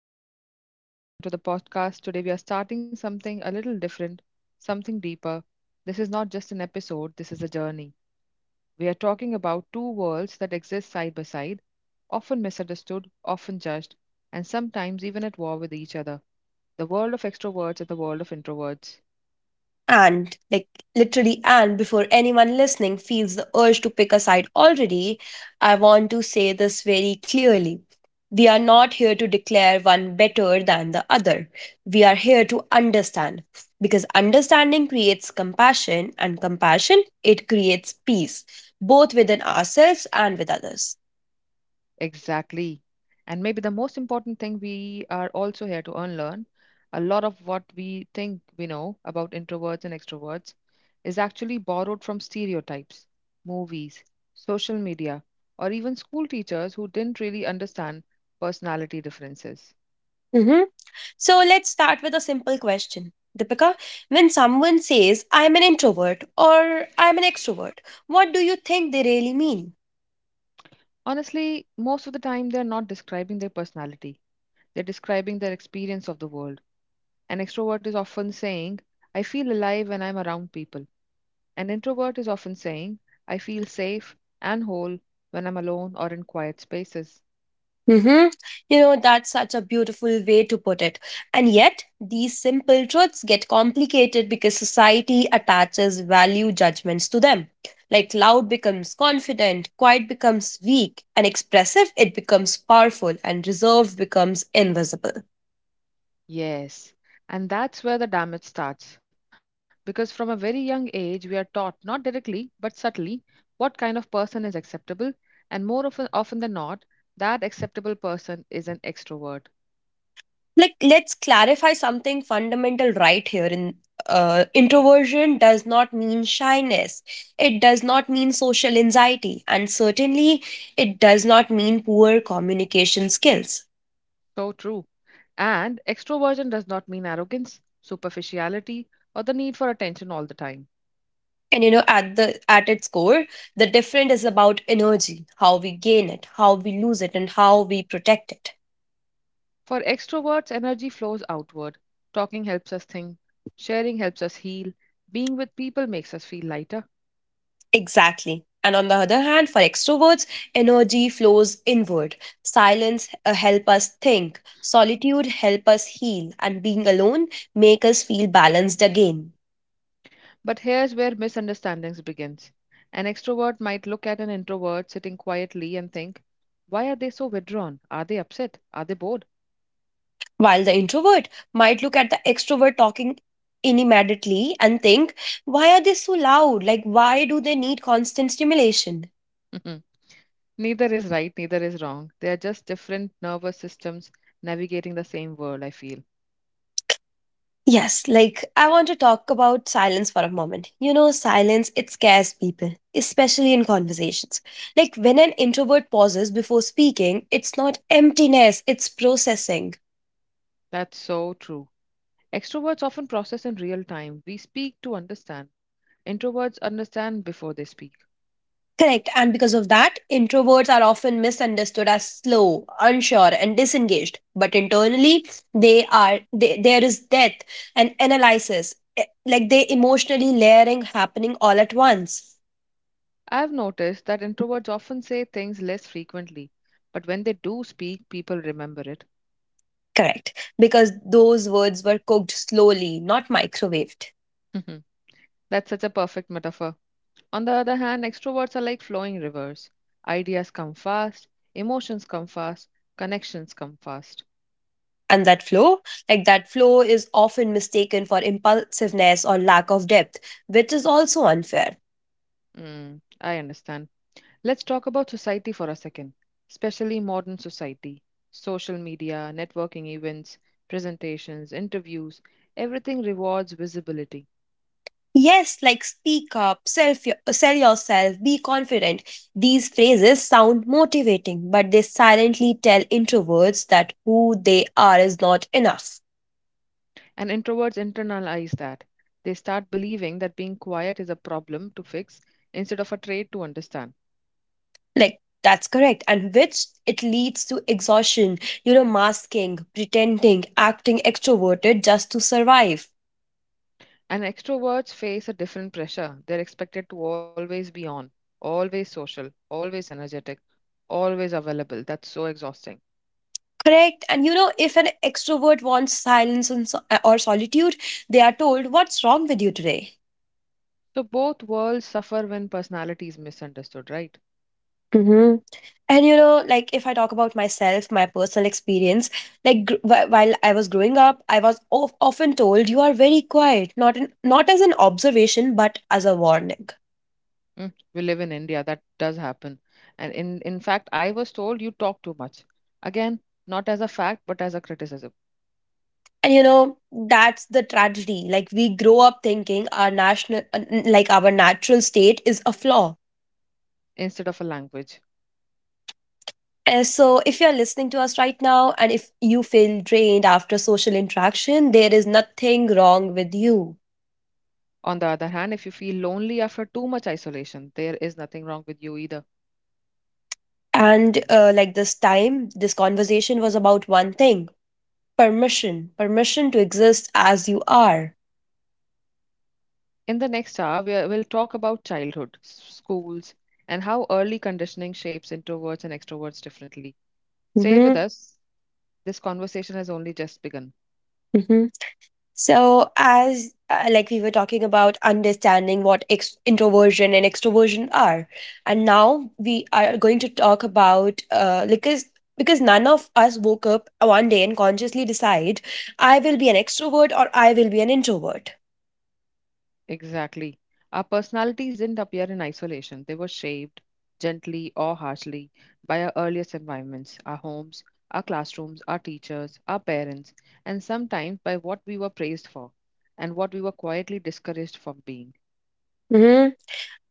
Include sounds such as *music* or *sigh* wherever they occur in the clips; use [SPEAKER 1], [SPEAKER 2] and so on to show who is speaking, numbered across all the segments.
[SPEAKER 1] And welcome back, everyone, to the podcast. Today, we are starting something a little different, something deeper. This is not just an episode, this is a journey. We are talking about two worlds that exist side by side, often misunderstood, often judged, and sometimes even at war with each other, the world of extroverts and the world of introverts.
[SPEAKER 2] And, like, literally, and before anyone listening feels the urge to pick a side already, I want to say this very clearly. We are not here to declare one better than the other. We are here to understand. Because understanding creates compassion, and compassion, it creates peace, both within ourselves and with others.
[SPEAKER 1] Exactly. And maybe the most important thing, we are also here to unlearn. A lot of what we think we know about introverts and extroverts is actually borrowed from stereotypes, movies, social media, or even school teachers who didn't really understand personality differences.
[SPEAKER 2] Mm-hmm. So let's start with a simple question. Deepika, when someone says, I'm an introvert or I'm an extrovert, what do you think they really mean?
[SPEAKER 1] Honestly, most of the time they're not describing their personality, they're describing their experience of the world. An extrovert is often saying, "I feel alive when I'm around people." An introvert is often saying, "I feel safe and whole when I'm alone or in quiet spaces."
[SPEAKER 2] hmm You know, that's such a beautiful way to put it. And yet, these simple truths get complicated because society attaches value judgments to them. Like loud becomes confident, quiet becomes weak, and expressive, it becomes powerful, and reserved becomes invisible.
[SPEAKER 1] Yes, and that's where the damage starts. Because from a very young age, we are taught, not directly but subtly, what kind of person is acceptable, and more often than not, that acceptable person is an extrovert.
[SPEAKER 2] Like let's clarify something fundamental right here in introversion does not mean shyness, it does not mean social anxiety, and certainly it does not mean poor communication skills.
[SPEAKER 1] So true. And extroversion does not mean arrogance, superficiality, or the need for attention all the time.
[SPEAKER 2] And you know, at its core, the difference is about energy: how we gain it, how we lose it, and how we protect it.
[SPEAKER 1] For extroverts, energy flows outward. Talking helps us think, sharing helps us heal, being with people makes us feel lighter.
[SPEAKER 2] Exactly. And on the other hand, for extroverts, energy flows inward. Silence help us think, solitude help us heal, and being alone make us feel balanced again.
[SPEAKER 1] But here's where misunderstandings begins. An extrovert might look at an introvert sitting quietly and think, "Why are they so withdrawn? Are they upset? Are they bored?"
[SPEAKER 2] While the introvert might look at the extrovert talking inimaginably and think, why are they so loud? Like, why do they need constant stimulation?
[SPEAKER 1] *laughs* Neither is right, neither is wrong. They are just different nervous systems navigating the same world, I feel.
[SPEAKER 2] Yes, like I want to talk about silence for a moment. You know, silence, it scares people, especially in conversations. Like when an introvert pauses before speaking, it's not emptiness, it's processing.
[SPEAKER 1] That's so true. Extroverts often process in real time. We speak to understand. Introverts understand before they speak.
[SPEAKER 2] Correct. And because of that, introverts are often misunderstood as slow, unsure, and disengaged. But internally, there is depth and analysis, like they emotionally layering happening all at once.
[SPEAKER 1] I've noticed that introverts often say things less frequently, but when they do speak, people remember it.
[SPEAKER 2] Correct, because those words were cooked slowly, not microwaved.
[SPEAKER 1] *laughs* That's such a perfect metaphor. On the other hand, extroverts are like flowing rivers. Ideas come fast, emotions come fast, connections come fast.
[SPEAKER 2] And that flow, like that flow, is often mistaken for impulsiveness or lack of depth, which is also unfair.
[SPEAKER 1] Mm, I understand. Let's talk about society for a second, especially modern society. Social media, networking events, presentations, interviews, everything rewards visibility.
[SPEAKER 2] Yes, like speak up, self sell yourself, be confident. These phrases sound motivating, but they silently tell introverts that who they are is not enough.
[SPEAKER 1] And introverts internalize that. They start believing that being quiet is a problem to fix instead of a trait to understand.
[SPEAKER 2] Like, that's correct. And which it leads to exhaustion, masking, pretending, acting extroverted just to survive.
[SPEAKER 1] And extroverts face a different pressure. They're expected to always be on, always social, always energetic, always available. That's so exhausting.
[SPEAKER 2] Correct. And you know, if an extrovert wants silence and or solitude, they are told, what's wrong with you today?
[SPEAKER 1] So both worlds suffer when personality is misunderstood, right?
[SPEAKER 2] hmm And you know, like if I talk about myself, my personal experience, like while I was growing up, I was often told you are very quiet, not as an observation, but as a warning.
[SPEAKER 1] Mm, we live in India, that does happen. And in fact, I was told you talk too much. Again, not as a fact, but as a criticism,
[SPEAKER 2] And you know, that's the tragedy. Like we grow up thinking like our natural state is a flaw.
[SPEAKER 1] instead of a language.
[SPEAKER 2] So if you're listening to us right now and if you feel drained after social interaction, there is nothing wrong with you.
[SPEAKER 1] On the other hand, if you feel lonely after too much isolation, there is nothing wrong with you either.
[SPEAKER 2] And like this conversation was about one thing: permission, permission to exist as you are.
[SPEAKER 1] In the next hour, we will talk about childhood, schools, and how early conditioning shapes introverts and extroverts differently. Stay with
[SPEAKER 2] Mhm.
[SPEAKER 1] us. This conversation has only just begun.
[SPEAKER 2] Mhm. So, as like we were talking about understanding what introversion and extroversion are, and now we are going to talk about because none of us woke up one day and consciously decide I will be an extrovert or I will be an introvert.
[SPEAKER 1] Exactly. Our personalities didn't appear in isolation. They were shaped, gently or harshly, by our earliest environments, our homes, our classrooms, our teachers, our parents, and sometimes by what we were praised for and what we were quietly discouraged from being.
[SPEAKER 2] Mm-hmm.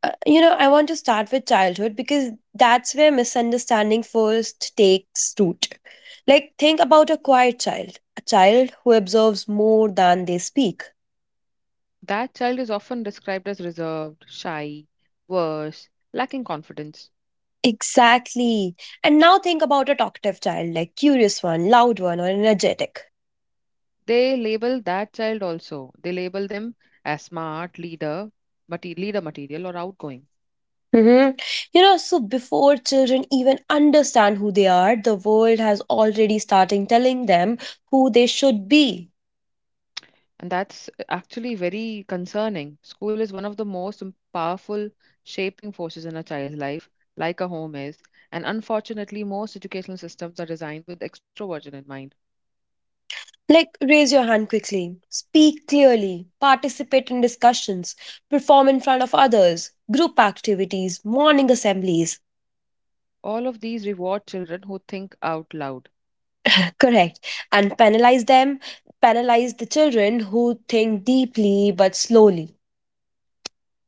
[SPEAKER 2] I want to start with childhood because that's where misunderstanding first takes root. Like, think about a quiet child, a child who observes more than they speak.
[SPEAKER 1] That child is often described as reserved, shy, worse, lacking confidence.
[SPEAKER 2] Exactly. And now think about a talkative child, like curious one, loud one, or energetic.
[SPEAKER 1] They label that child also. They label them as smart, leader, leader material, or outgoing.
[SPEAKER 2] hmm You know, so before children even understand who they are, the world has already starting telling them who they should be.
[SPEAKER 1] And that's actually very concerning. School is one of the most powerful shaping forces in a child's life, like a home is. And unfortunately, most educational systems are designed with extroversion in mind.
[SPEAKER 2] Like raise your hand quickly, speak clearly, participate in discussions, perform in front of others, group activities, morning assemblies.
[SPEAKER 1] All of these reward children who think out loud.
[SPEAKER 2] *laughs* Correct. And penalize them, penalize the children who think deeply but slowly.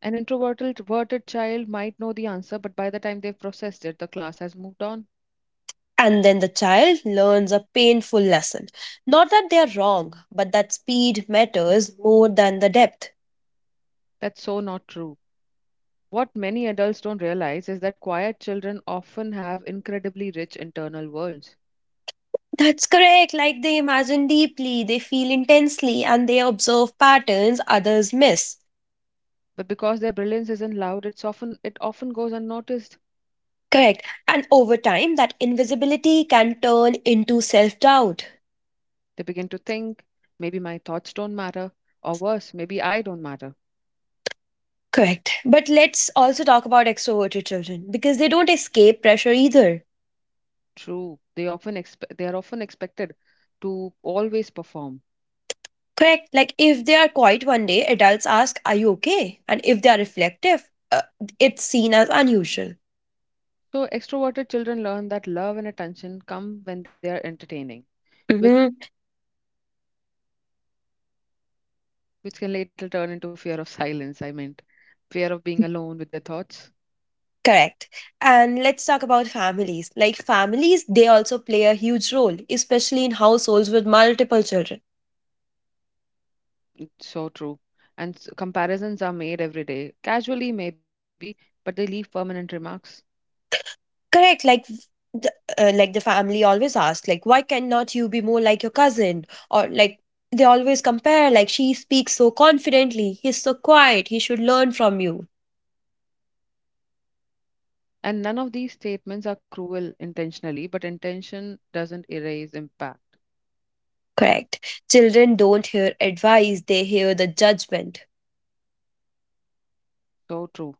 [SPEAKER 1] An introverted child might know the answer, but by the time they've processed it, the class has moved on.
[SPEAKER 2] And then the child learns a painful lesson. Not that they are wrong, but that speed matters more than the depth.
[SPEAKER 1] That's so not true. What many adults don't realize is that quiet children often have incredibly rich internal worlds.
[SPEAKER 2] That's correct. Like they imagine deeply, they feel intensely, and they observe patterns others miss.
[SPEAKER 1] But because their brilliance isn't loud, it often goes unnoticed.
[SPEAKER 2] Correct. And over time, that invisibility can turn into self doubt.
[SPEAKER 1] They begin to think, maybe my thoughts don't matter, or worse, maybe I don't matter.
[SPEAKER 2] Correct. But let's also talk about extroverted children because they don't escape pressure either.
[SPEAKER 1] True, they often they are often expected to always perform.
[SPEAKER 2] Correct. Like if they are quiet one day, adults ask, are you okay? And if they are reflective, it's seen as unusual.
[SPEAKER 1] So extroverted children learn that love and attention come when they are entertaining, which
[SPEAKER 2] hmm
[SPEAKER 1] which can later turn into fear of *laughs* silence. I meant fear of being alone with their thoughts.
[SPEAKER 2] Correct. And let's talk about families. Like families, they also play a huge role, especially in households with multiple children.
[SPEAKER 1] So true. And comparisons are made every day, casually maybe, but they leave permanent remarks.
[SPEAKER 2] Correct. Like the, the family always asks, like, why cannot you be more like your cousin? Or like they always compare, like she speaks so confidently, he's so quiet, he should learn from you.
[SPEAKER 1] And none of these statements are cruel intentionally, but intention doesn't erase impact.
[SPEAKER 2] Correct. Children don't hear advice, they hear the judgment.
[SPEAKER 1] So true.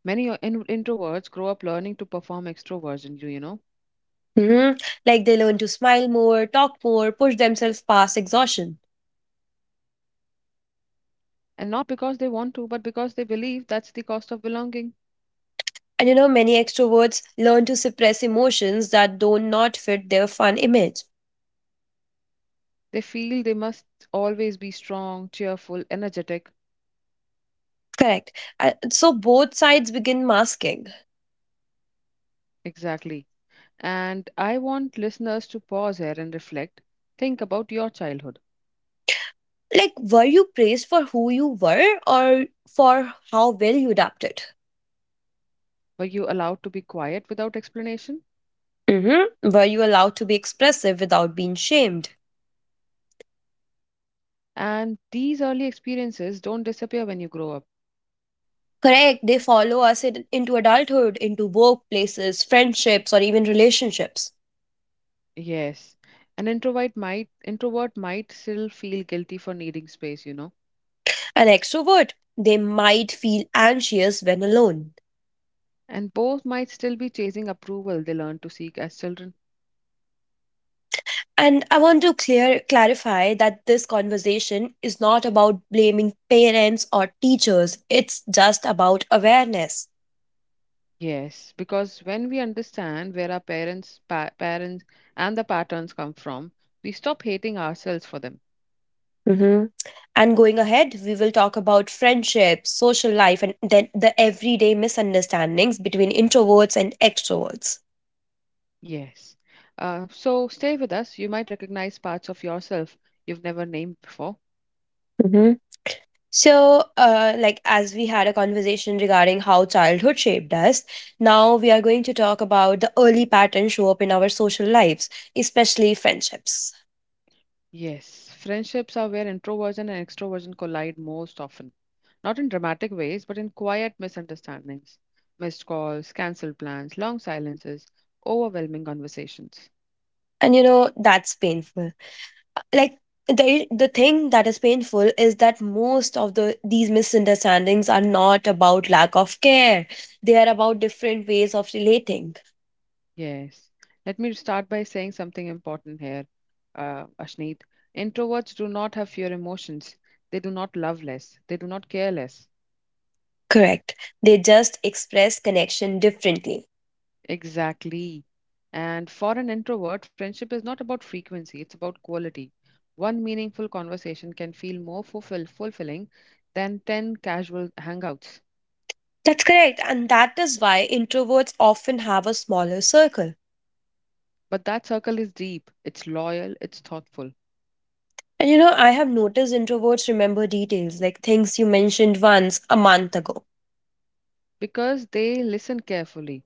[SPEAKER 1] Many introverts grow up learning to perform extroversion, you know,
[SPEAKER 2] Mhm. Like they learn to smile more, talk more, push themselves past exhaustion.
[SPEAKER 1] and not because they want to, but because they believe that's the cost of belonging.
[SPEAKER 2] And you know, many extroverts learn to suppress emotions that do not fit their fun image.
[SPEAKER 1] They feel they must always be strong, cheerful, energetic.
[SPEAKER 2] Correct. So both sides begin masking.
[SPEAKER 1] Exactly. And I want listeners to pause here and reflect. Think about your childhood.
[SPEAKER 2] Like, were you praised for who you were or for how well you adapted?
[SPEAKER 1] Were you allowed to be quiet without explanation?
[SPEAKER 2] Were you allowed to be expressive without being shamed?
[SPEAKER 1] And these early experiences don't disappear when you grow up.
[SPEAKER 2] Correct, they follow us into adulthood, into workplaces, friendships, or even relationships.
[SPEAKER 1] Yes. An introvert might still feel guilty for needing space, you know.
[SPEAKER 2] An extrovert, they might feel anxious when alone.
[SPEAKER 1] And both might still be chasing approval they learn to seek as children.
[SPEAKER 2] And I want to clear clarify that this conversation is not about blaming parents or teachers. It's just about awareness.
[SPEAKER 1] Yes, because when we understand where our parents and the patterns come from, we stop hating ourselves for them.
[SPEAKER 2] hmm And going ahead, we will talk about friendships, social life, and then the everyday misunderstandings between introverts and extroverts.
[SPEAKER 1] Yes. So stay with us. You might recognize parts of yourself you've never named before.
[SPEAKER 2] So, like as we had a conversation regarding how childhood shaped us, now we are going to talk about the early patterns show up in our social lives, especially friendships.
[SPEAKER 1] Yes, friendships are where introversion and extroversion collide most often. Not in dramatic ways, but in quiet misunderstandings, missed calls, cancelled plans, long silences, overwhelming conversations.
[SPEAKER 2] And you know, that's painful. Like the thing that is painful is that most of these misunderstandings are not about lack of care. They are about different ways of relating.
[SPEAKER 1] Yes. Let me start by saying something important here, Ashneet. Introverts do not have fewer emotions. They do not love less. They do not care less.
[SPEAKER 2] Correct. They just express connection differently.
[SPEAKER 1] Exactly. And for an introvert, friendship is not about frequency, it's about quality. One meaningful conversation can feel more fulfilling than 10 casual hangouts.
[SPEAKER 2] That's correct, and that is why introverts often have a smaller circle.
[SPEAKER 1] But that circle is deep, it's loyal, it's thoughtful,
[SPEAKER 2] And you know, I have noticed introverts remember details like things you mentioned once a month ago.
[SPEAKER 1] because they listen carefully.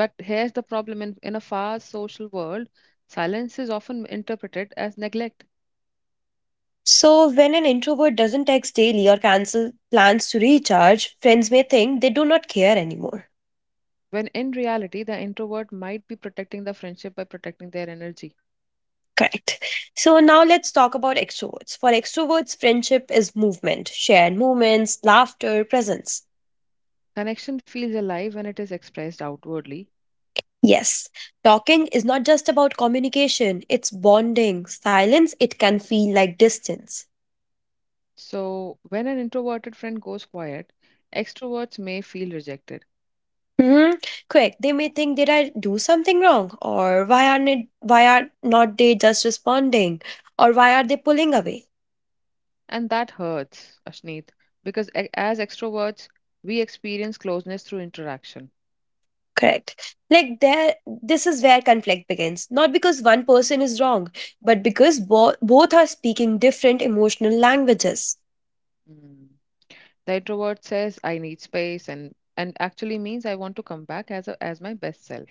[SPEAKER 1] But here's the problem, in a fast social world, silence is often interpreted as neglect,
[SPEAKER 2] So, when an introvert doesn't text daily or cancel plans to recharge, friends may think they do not care anymore.
[SPEAKER 1] when in reality, the introvert might be protecting the friendship by protecting their energy.
[SPEAKER 2] Correct. So, now let's talk about extroverts. For extroverts, friendship is movement, shared moments, laughter, presence.
[SPEAKER 1] Connection feels alive when it is expressed outwardly.
[SPEAKER 2] Yes, talking is not just about communication, it's bonding. Silence, it can feel like distance.
[SPEAKER 1] So, when an introverted friend goes quiet, extroverts may feel rejected.
[SPEAKER 2] Hmm. Quick, they may think, did I do something wrong? Or why are not they just responding? Or why are they pulling away?
[SPEAKER 1] And that hurts, Ashneet, because as extroverts, we experience closeness through interaction.
[SPEAKER 2] Correct. Like this is where conflict begins. Not because one person is wrong, but because both are speaking different emotional languages.
[SPEAKER 1] Mm. The introvert says, "I need space," and, actually means, "I want to come back as, as my best self."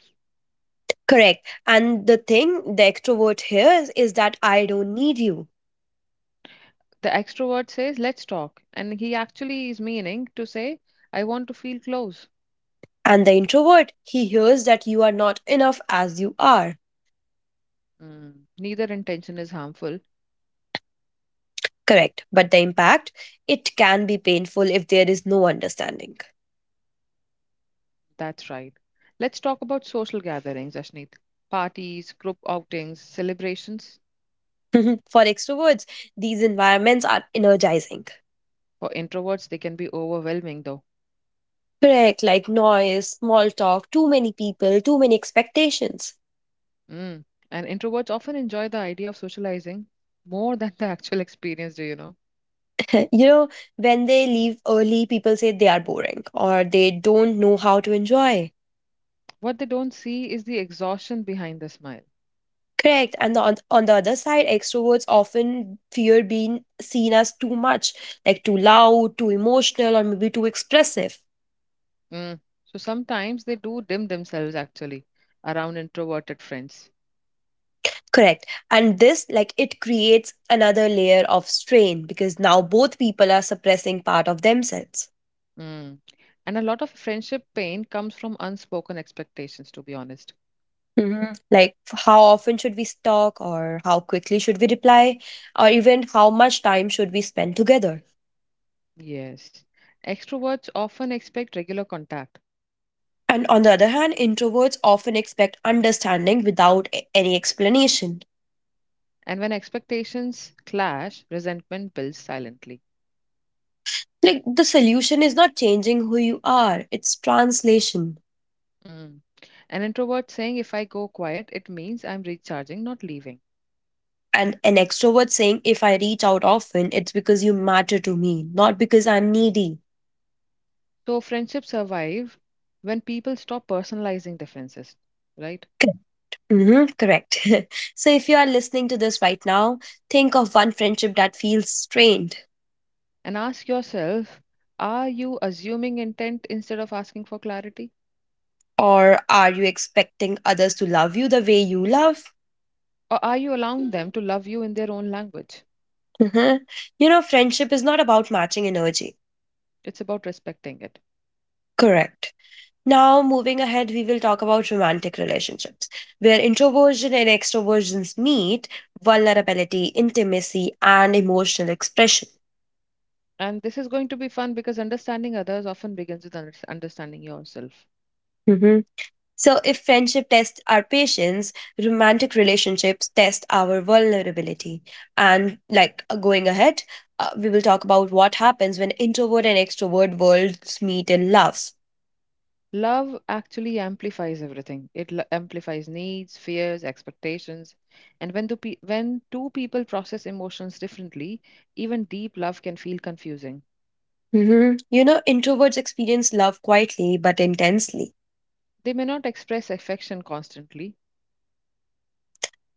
[SPEAKER 2] Correct. And the extrovert hears is that I don't need you.
[SPEAKER 1] The extrovert says, "Let's talk." And he actually is meaning to say, "I want to feel close."
[SPEAKER 2] And the introvert, he hears that you are not enough as you are.
[SPEAKER 1] Mm. Neither intention is harmful.
[SPEAKER 2] Correct. But the impact, it can be painful if there is no understanding.
[SPEAKER 1] That's right. Let's talk about social gatherings, Ashneet. Parties, group outings, celebrations.
[SPEAKER 2] *laughs* For extroverts, these environments are energizing.
[SPEAKER 1] For introverts, they can be overwhelming, though.
[SPEAKER 2] Correct, like noise, small talk, too many people, too many expectations.
[SPEAKER 1] Mm. And introverts often enjoy the idea of socializing more than the actual experience, do you know?
[SPEAKER 2] *laughs* you know, when they leave early, people say they are boring or they don't know how to enjoy.
[SPEAKER 1] What they don't see is the exhaustion behind the smile.
[SPEAKER 2] Correct. And on the other side, extroverts often fear being seen as too much, like too loud, too emotional, or maybe too expressive.
[SPEAKER 1] Mm. So sometimes they do dim themselves, actually, around introverted friends.
[SPEAKER 2] Correct. And this, like, it creates another layer of strain because now both people are suppressing part of themselves.
[SPEAKER 1] Mm. And a lot of friendship pain comes from unspoken expectations, to be honest.
[SPEAKER 2] Like, how often should we talk, or how quickly should we reply, or even how much time should we spend together?
[SPEAKER 1] Yes. Extroverts often expect regular contact,
[SPEAKER 2] And on the other hand, introverts often expect understanding without any explanation.
[SPEAKER 1] and when expectations clash, resentment builds silently.
[SPEAKER 2] Like the solution is not changing who you are, it's translation.
[SPEAKER 1] Mm. An introvert saying, "If I go quiet, it means I'm recharging, not leaving."
[SPEAKER 2] And an extrovert saying, if I reach out often, it's because you matter to me, not because I'm needy.
[SPEAKER 1] So friendships survive when people stop personalizing differences, right?
[SPEAKER 2] Mm-hmm, correct. *laughs* So if you are listening to this right now, think of one friendship that feels strained.
[SPEAKER 1] And ask yourself, are you assuming intent instead of asking for clarity?
[SPEAKER 2] Or are you expecting others to love you the way you love?
[SPEAKER 1] Or are you allowing them to love you in their own language?
[SPEAKER 2] hmm You know, friendship is not about matching energy.
[SPEAKER 1] It's about respecting it.
[SPEAKER 2] Correct. Now, moving ahead, we will talk about romantic relationships, where introversion and extroversions meet, vulnerability, intimacy, and emotional expression.
[SPEAKER 1] And this is going to be fun, because understanding others often begins with understanding yourself.
[SPEAKER 2] hmm So, if friendship tests our patience, romantic relationships test our vulnerability. And like going ahead, we will talk about what happens when introvert and extrovert worlds meet in love.
[SPEAKER 1] Love actually amplifies everything. It amplifies needs, fears, expectations. And when two people process emotions differently, even deep love can feel confusing.
[SPEAKER 2] You know, introverts experience love quietly but intensely.
[SPEAKER 1] They may not express affection constantly,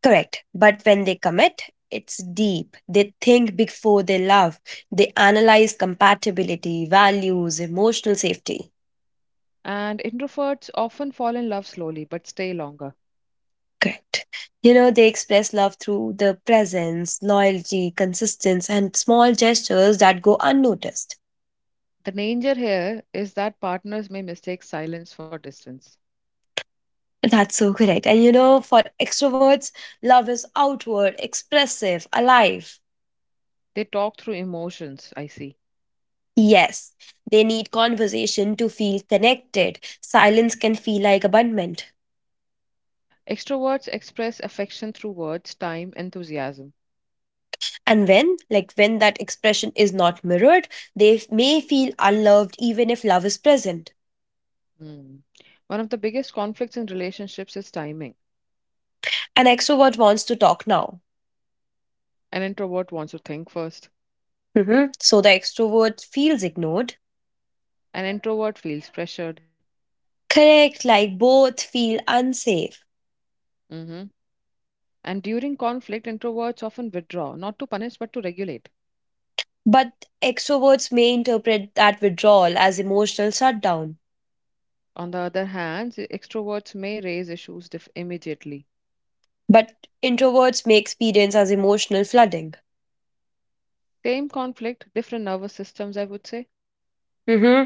[SPEAKER 2] Correct. But when they commit, it's deep. They think before they love. They analyze compatibility, values, emotional safety.
[SPEAKER 1] and introverts often fall in love slowly but stay longer.
[SPEAKER 2] Correct. You know, they express love through the presence, loyalty, consistency, and small gestures that go unnoticed.
[SPEAKER 1] The danger here is that partners may mistake silence for distance.
[SPEAKER 2] That's so correct. And you know, for extroverts, love is outward, expressive, alive.
[SPEAKER 1] They talk through emotions, I see.
[SPEAKER 2] Yes, they need conversation to feel connected. Silence can feel like abandonment.
[SPEAKER 1] Extroverts express affection through words, time, enthusiasm.
[SPEAKER 2] And like when that expression is not mirrored, they may feel unloved even if love is present.
[SPEAKER 1] Hmm. One of the biggest conflicts in relationships is timing.
[SPEAKER 2] An extrovert wants to talk now.
[SPEAKER 1] An introvert wants to think first,
[SPEAKER 2] Mhm. So the extrovert feels ignored.
[SPEAKER 1] an introvert feels pressured.
[SPEAKER 2] Correct, like both feel unsafe.
[SPEAKER 1] Mhm. And during conflict, introverts often withdraw, not to punish but to regulate.
[SPEAKER 2] But extroverts may interpret that withdrawal as emotional shutdown.
[SPEAKER 1] On the other hand, the extroverts may raise issues immediately.
[SPEAKER 2] But introverts may experience as emotional flooding.
[SPEAKER 1] Same conflict, different nervous systems, I would say.
[SPEAKER 2] hmm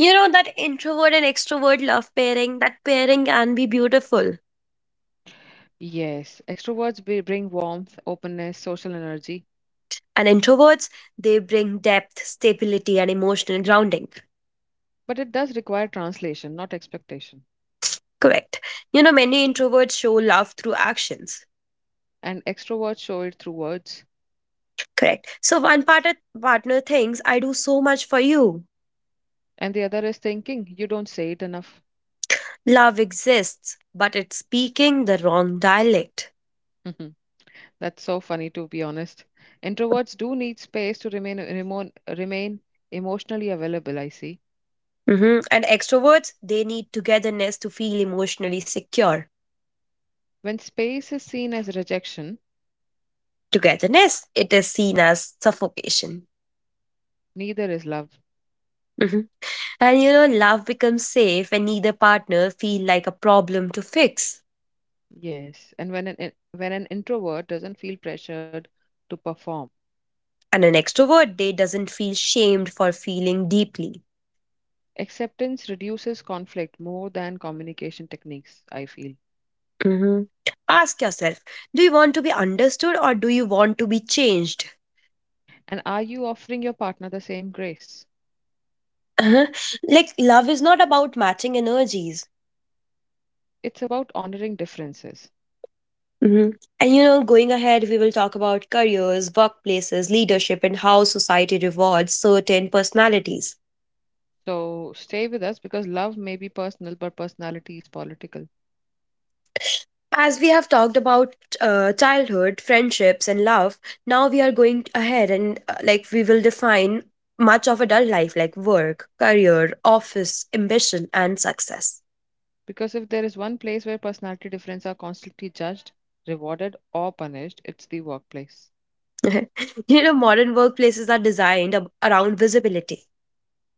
[SPEAKER 2] You know, that introvert and extrovert love pairing, that pairing can be beautiful.
[SPEAKER 1] Yes, extroverts bring warmth, openness, social energy,
[SPEAKER 2] And introverts, they bring depth, stability, and emotional grounding.
[SPEAKER 1] but it does require translation, not expectation.
[SPEAKER 2] Correct. You know, many introverts show love through actions.
[SPEAKER 1] And extroverts show it through words.
[SPEAKER 2] Correct. So one partner thinks, I do so much for you.
[SPEAKER 1] And the other is thinking, you don't say it enough.
[SPEAKER 2] Love exists, but it's speaking the wrong dialect.
[SPEAKER 1] *laughs* That's so funny, to be honest. Introverts do need space to remain emotionally available, I see.
[SPEAKER 2] Mhm. And extroverts, they need togetherness to feel emotionally secure.
[SPEAKER 1] When space is seen as rejection,
[SPEAKER 2] Togetherness, it is seen as suffocation.
[SPEAKER 1] neither is love.
[SPEAKER 2] Mhm. And you know, love becomes safe when neither partner feel like a problem to fix.
[SPEAKER 1] Yes, and when an introvert doesn't feel pressured to perform,
[SPEAKER 2] And an extrovert they doesn't feel shamed for feeling deeply.
[SPEAKER 1] acceptance reduces conflict more than communication techniques, I feel.
[SPEAKER 2] Mm-hmm. Ask yourself, do you want to be understood or do you want to be changed?
[SPEAKER 1] And are you offering your partner the same grace?
[SPEAKER 2] Uh-huh. Like love is not about matching energies.
[SPEAKER 1] It's about honoring differences.
[SPEAKER 2] Mm-hmm. And you know, going ahead, we will talk about careers, workplaces, leadership, and how society rewards certain personalities.
[SPEAKER 1] So stay with us, because love may be personal, but personality is political.
[SPEAKER 2] As we have talked about childhood, friendships, and love, now we are going ahead and like we will define much of adult life like work, career, office, ambition, and success.
[SPEAKER 1] Because if there is one place where personality differences are constantly judged, rewarded, or punished, it's the workplace.
[SPEAKER 2] *laughs* You know, modern workplaces are designed around visibility.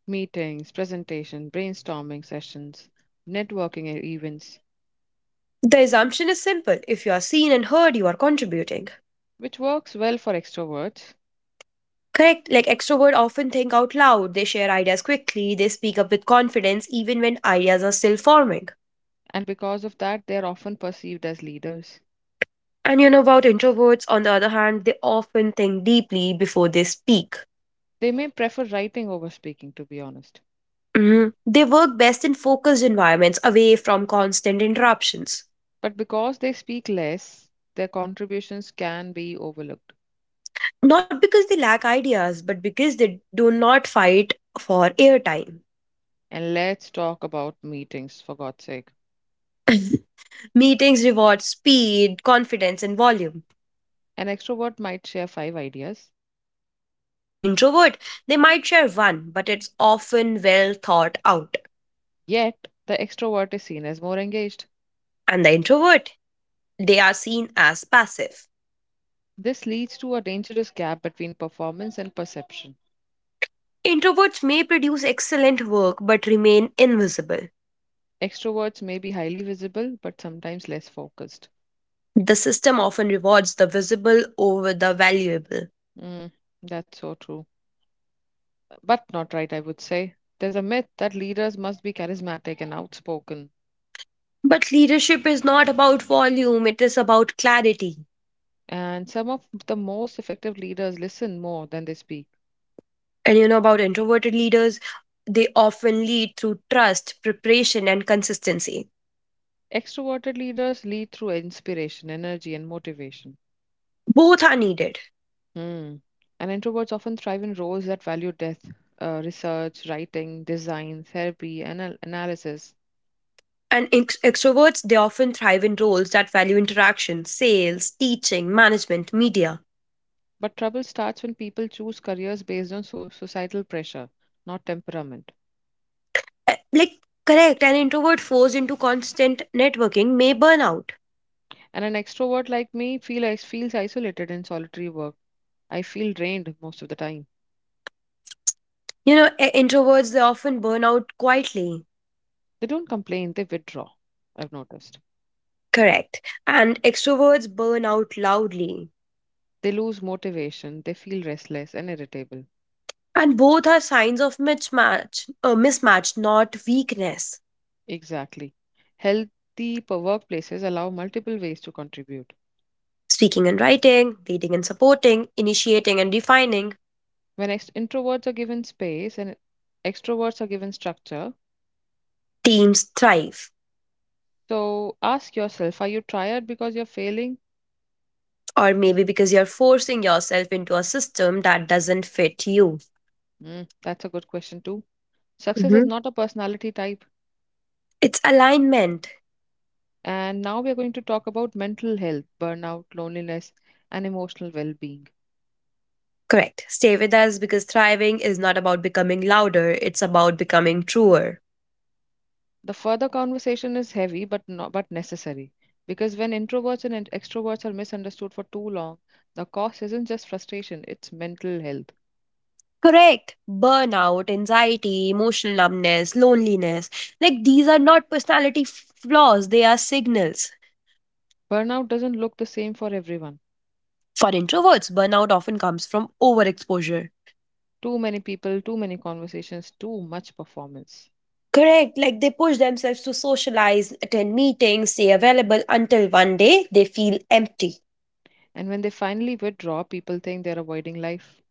[SPEAKER 1] Meetings, presentation, brainstorming sessions, networking events,
[SPEAKER 2] The assumption is simple, if you are seen and heard, you are contributing.
[SPEAKER 1] which works well for extroverts,
[SPEAKER 2] Correct. Like extrovert often think out loud, they share ideas quickly, they speak up with confidence even when ideas are still forming.
[SPEAKER 1] and because of that, they are often perceived as leaders.
[SPEAKER 2] And you know about introverts, on the other hand, they often think deeply before they speak.
[SPEAKER 1] They may prefer writing over speaking, to be honest,
[SPEAKER 2] Mhm. They work best in focused environments away from constant interruptions.
[SPEAKER 1] but because they speak less, their contributions can be overlooked.
[SPEAKER 2] Not because they lack ideas, but because they do not fight for airtime.
[SPEAKER 1] And let's talk about meetings, for God's sake.
[SPEAKER 2] Meetings reward speed, confidence, and volume.
[SPEAKER 1] An extrovert might share five ideas,
[SPEAKER 2] And an introvert, they might share one, but it's often well thought out.
[SPEAKER 1] yet the extrovert is seen as more engaged.
[SPEAKER 2] And the introvert, they are seen as passive.
[SPEAKER 1] This leads to a dangerous gap between performance and perception.
[SPEAKER 2] Introverts may produce excellent work but remain invisible.
[SPEAKER 1] Extroverts may be highly visible, but sometimes less focused.
[SPEAKER 2] The system often rewards the visible over the valuable.
[SPEAKER 1] Mm, that's so true. But not right, I would say. There's a myth that leaders must be charismatic and outspoken,
[SPEAKER 2] But leadership is not about volume, it is about clarity.
[SPEAKER 1] and some of the most effective leaders listen more than they speak.
[SPEAKER 2] And you know about introverted leaders, they often lead through trust, preparation, and consistency.
[SPEAKER 1] Extroverted leaders lead through inspiration, energy, and motivation.
[SPEAKER 2] Both are needed.
[SPEAKER 1] Hmm. And introverts often thrive in roles that value depth, research, writing, design, therapy, and analysis.
[SPEAKER 2] And extroverts, they often thrive in roles that value interaction, sales, teaching, management, media.
[SPEAKER 1] But trouble starts when people choose careers based on societal pressure, not temperament.
[SPEAKER 2] Like, correct, an introvert forced into constant networking may burn out.
[SPEAKER 1] And an extrovert like me feels isolated in solitary work. I feel drained most of the time.
[SPEAKER 2] You know, introverts, they often burn out quietly.
[SPEAKER 1] They don't complain; they withdraw. I've noticed.
[SPEAKER 2] Correct. And extroverts burn out loudly.
[SPEAKER 1] They lose motivation. They feel restless and irritable.
[SPEAKER 2] And both are signs of mismatch, not weakness.
[SPEAKER 1] Exactly. Healthy workplaces allow multiple ways to contribute.
[SPEAKER 2] Speaking and writing, leading and supporting, initiating and defining,
[SPEAKER 1] When ex introverts are given space and extroverts are given structure,
[SPEAKER 2] teams thrive.
[SPEAKER 1] so ask yourself, are you tired because you're failing?
[SPEAKER 2] Or maybe because you're forcing yourself into a system that doesn't fit you.
[SPEAKER 1] Hmm, that's a good question too. Success is
[SPEAKER 2] Mhm.
[SPEAKER 1] not a personality type.
[SPEAKER 2] It's alignment.
[SPEAKER 1] And now we are going to talk about mental health, burnout, loneliness, and emotional well-being.
[SPEAKER 2] Correct. Stay with us because thriving is not about becoming louder, it's about becoming truer.
[SPEAKER 1] The further conversation is heavy but not but necessary because when introverts and extroverts are misunderstood for too long, the cause isn't just frustration, it's mental health.
[SPEAKER 2] Correct. Burnout, anxiety, emotional numbness, loneliness. Like these are not personality flaws, they are signals.
[SPEAKER 1] Burnout doesn't look the same for everyone.
[SPEAKER 2] For introverts, burnout often comes from overexposure.
[SPEAKER 1] Too many people, too many conversations, too much performance.
[SPEAKER 2] Correct. Like they push themselves to socialize, attend meetings, stay available until one day they feel empty.
[SPEAKER 1] And when they finally withdraw, people think they're avoiding life.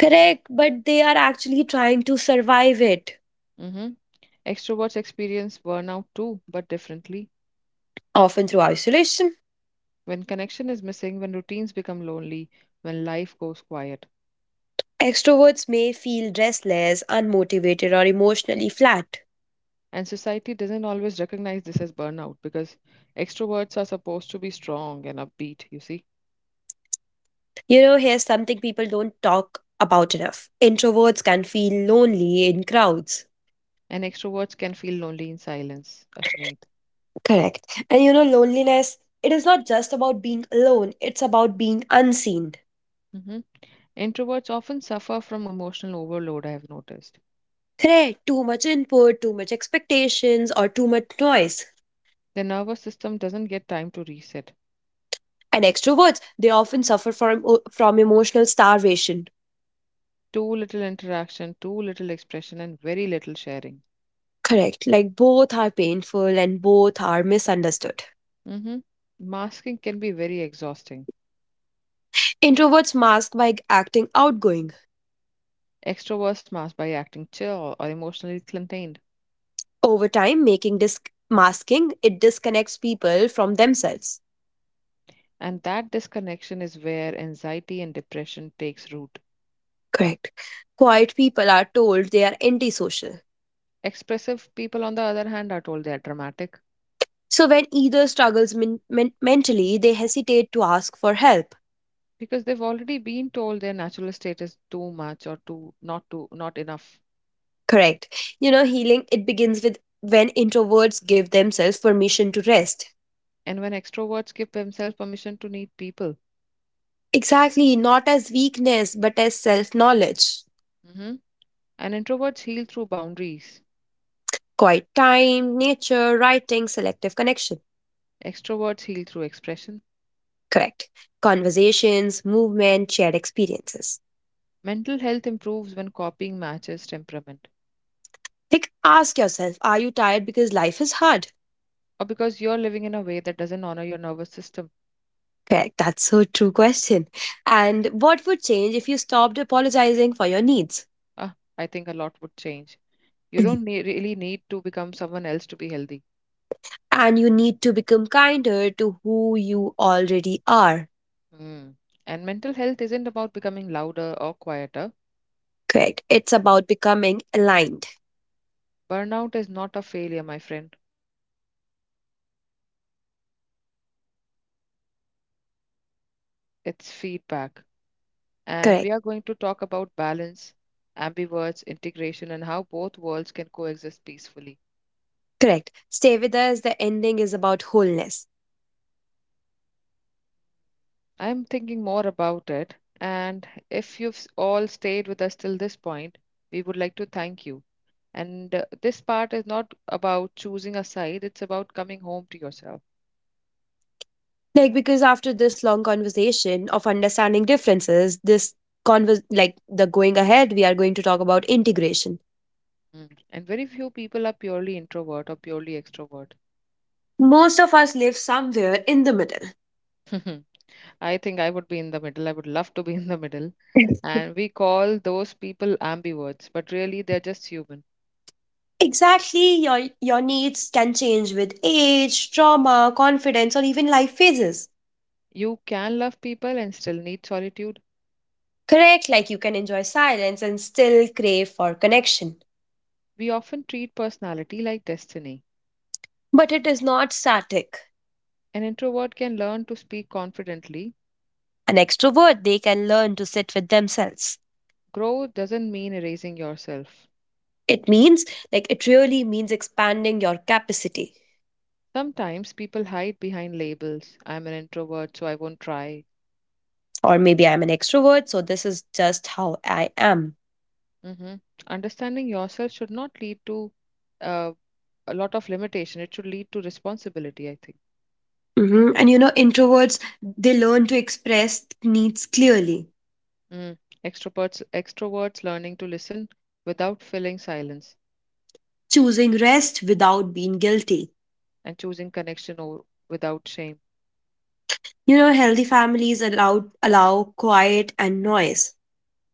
[SPEAKER 2] Correct. But they are actually trying to survive it,
[SPEAKER 1] Hmm. Extroverts experience burnout too, but differently.
[SPEAKER 2] often through isolation.
[SPEAKER 1] When connection is missing, when routines become lonely, when life goes quiet.
[SPEAKER 2] Extroverts may feel restless, unmotivated, or emotionally flat.
[SPEAKER 1] And society doesn't always recognize this as burnout because extroverts are supposed to be strong and upbeat, you see.
[SPEAKER 2] You know, here's something people don't talk about enough. Introverts can feel lonely in crowds.
[SPEAKER 1] And extroverts can feel lonely in silence, Ashneet.
[SPEAKER 2] Correct. And you know, loneliness, it is not just about being alone, it's about being unseen.
[SPEAKER 1] Hmm. Introverts often suffer from emotional overload, I have noticed.
[SPEAKER 2] Correct. Too much input, too much expectations, or too much noise.
[SPEAKER 1] The nervous system doesn't get time to reset.
[SPEAKER 2] And extroverts, they often suffer from emotional starvation.
[SPEAKER 1] Too little interaction, too little expression, and very little sharing.
[SPEAKER 2] Correct. Like both are painful and both are misunderstood.
[SPEAKER 1] Hmm. Masking can be very exhausting.
[SPEAKER 2] Introverts mask by acting outgoing
[SPEAKER 1] Extroverts mask by acting chill or emotionally contained,
[SPEAKER 2] over time making disc masking it disconnects people from themselves.
[SPEAKER 1] and that disconnection is where anxiety and depression takes root.
[SPEAKER 2] Correct, quiet people are told they are antisocial.
[SPEAKER 1] Expressive people, on the other hand, are told they are dramatic
[SPEAKER 2] So when either struggles mentally they hesitate to ask for help.
[SPEAKER 1] because they've already been told their natural state is too much or too not enough.
[SPEAKER 2] Correct, you know healing it begins with when introverts give themselves permission to rest,
[SPEAKER 1] And when extroverts give themselves permission to need people,
[SPEAKER 2] exactly not as weakness but as self knowledge,
[SPEAKER 1] mhm. And introverts heal through boundaries,
[SPEAKER 2] quiet time nature writing selective connection.
[SPEAKER 1] extroverts heal through expression.
[SPEAKER 2] Correct, conversations movement shared experiences.
[SPEAKER 1] Mental health improves when copying matches temperament,
[SPEAKER 2] Like, ask yourself, are you tired because life is hard?
[SPEAKER 1] or because you're living in a way that doesn't honor your nervous system.
[SPEAKER 2] Correct. That's so true question. And what would change if you stopped apologizing for your needs?
[SPEAKER 1] Ah, I think a lot would change. You
[SPEAKER 2] Mhm.
[SPEAKER 1] don't really need to become someone else to be healthy.
[SPEAKER 2] And you need to become kinder to who you already are.
[SPEAKER 1] Hmm. And mental health isn't about becoming louder or quieter.
[SPEAKER 2] Correct. It's about becoming aligned.
[SPEAKER 1] Burnout is not a failure, my friend, it's feedback. And
[SPEAKER 2] Correct.
[SPEAKER 1] we are going to talk about balance, ambiverts, integration, and how both worlds can coexist peacefully.
[SPEAKER 2] Correct. Stay with us. The ending is about wholeness.
[SPEAKER 1] I'm thinking more about it, and if you've all stayed with us till this point, we would like to thank you. And this part is not about choosing a side, it's about coming home to yourself.
[SPEAKER 2] Like because after this long conversation of understanding differences, this convers like the going ahead, we are going to talk about integration.
[SPEAKER 1] Mm. And very few people are purely introvert or purely extrovert.
[SPEAKER 2] Most of us live somewhere in the middle.
[SPEAKER 1] *laughs* I think I would be in the middle. I would love to be in the middle. And we call those people ambiverts, but really they're just human.
[SPEAKER 2] Exactly, your needs can change with age, trauma, confidence, or even life phases.
[SPEAKER 1] You can love people and still need solitude.
[SPEAKER 2] Correct, like you can enjoy silence and still crave for connection.
[SPEAKER 1] We often treat personality like destiny.
[SPEAKER 2] But it is not static.
[SPEAKER 1] An introvert can learn to speak confidently.
[SPEAKER 2] An extrovert, they can learn to sit with themselves.
[SPEAKER 1] Growth doesn't mean erasing yourself.
[SPEAKER 2] It means, like, it really means expanding your capacity.
[SPEAKER 1] Sometimes people hide behind labels. I'm an introvert, so I won't try.
[SPEAKER 2] Or maybe I'm an extrovert, so this is just how I am.
[SPEAKER 1] Hmm. Understanding yourself should not lead to uh, a lot of limitation. It should lead to responsibility, I think.
[SPEAKER 2] Mhm. And you know, introverts, they learn to express needs clearly,
[SPEAKER 1] Mm. Extroverts learning to listen without filling silence
[SPEAKER 2] choosing rest without being guilty.
[SPEAKER 1] and choosing connection over, without shame.
[SPEAKER 2] You know, healthy families allow quiet and noise,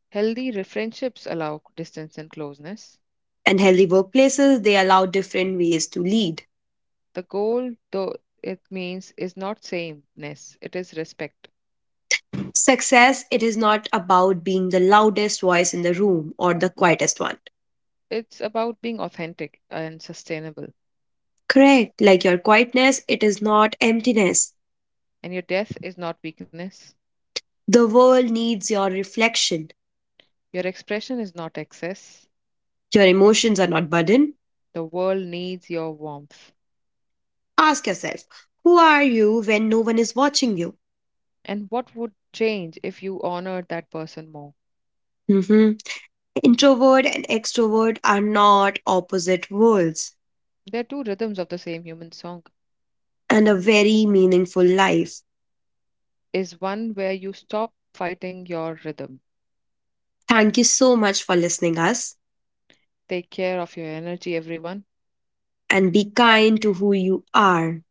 [SPEAKER 1] Healthy friendships allow distance and closeness.
[SPEAKER 2] and healthy workplaces they allow different ways to lead.
[SPEAKER 1] The goal, though it means, is not sameness, it is respect.
[SPEAKER 2] Success it is not about being the loudest voice in the room or the quietest one.
[SPEAKER 1] It's about being authentic and sustainable.
[SPEAKER 2] Correct, like your quietness it is not emptiness.
[SPEAKER 1] And your death is not weakness,
[SPEAKER 2] The world needs your reflection.
[SPEAKER 1] your expression is not excess.
[SPEAKER 2] Your emotions are not burden.
[SPEAKER 1] The world needs your warmth.
[SPEAKER 2] Ask yourself, who are you when no one is watching you?
[SPEAKER 1] And what would change if you honored that person more?
[SPEAKER 2] Mhm. Introvert and extrovert are not opposite worlds
[SPEAKER 1] There are two rhythms of the same human song.
[SPEAKER 2] and a very meaningful life.
[SPEAKER 1] Is one where you stop fighting your rhythm.
[SPEAKER 2] Thank you so much for listening us
[SPEAKER 1] Take care of your energy, everyone.
[SPEAKER 2] and be kind to who you are.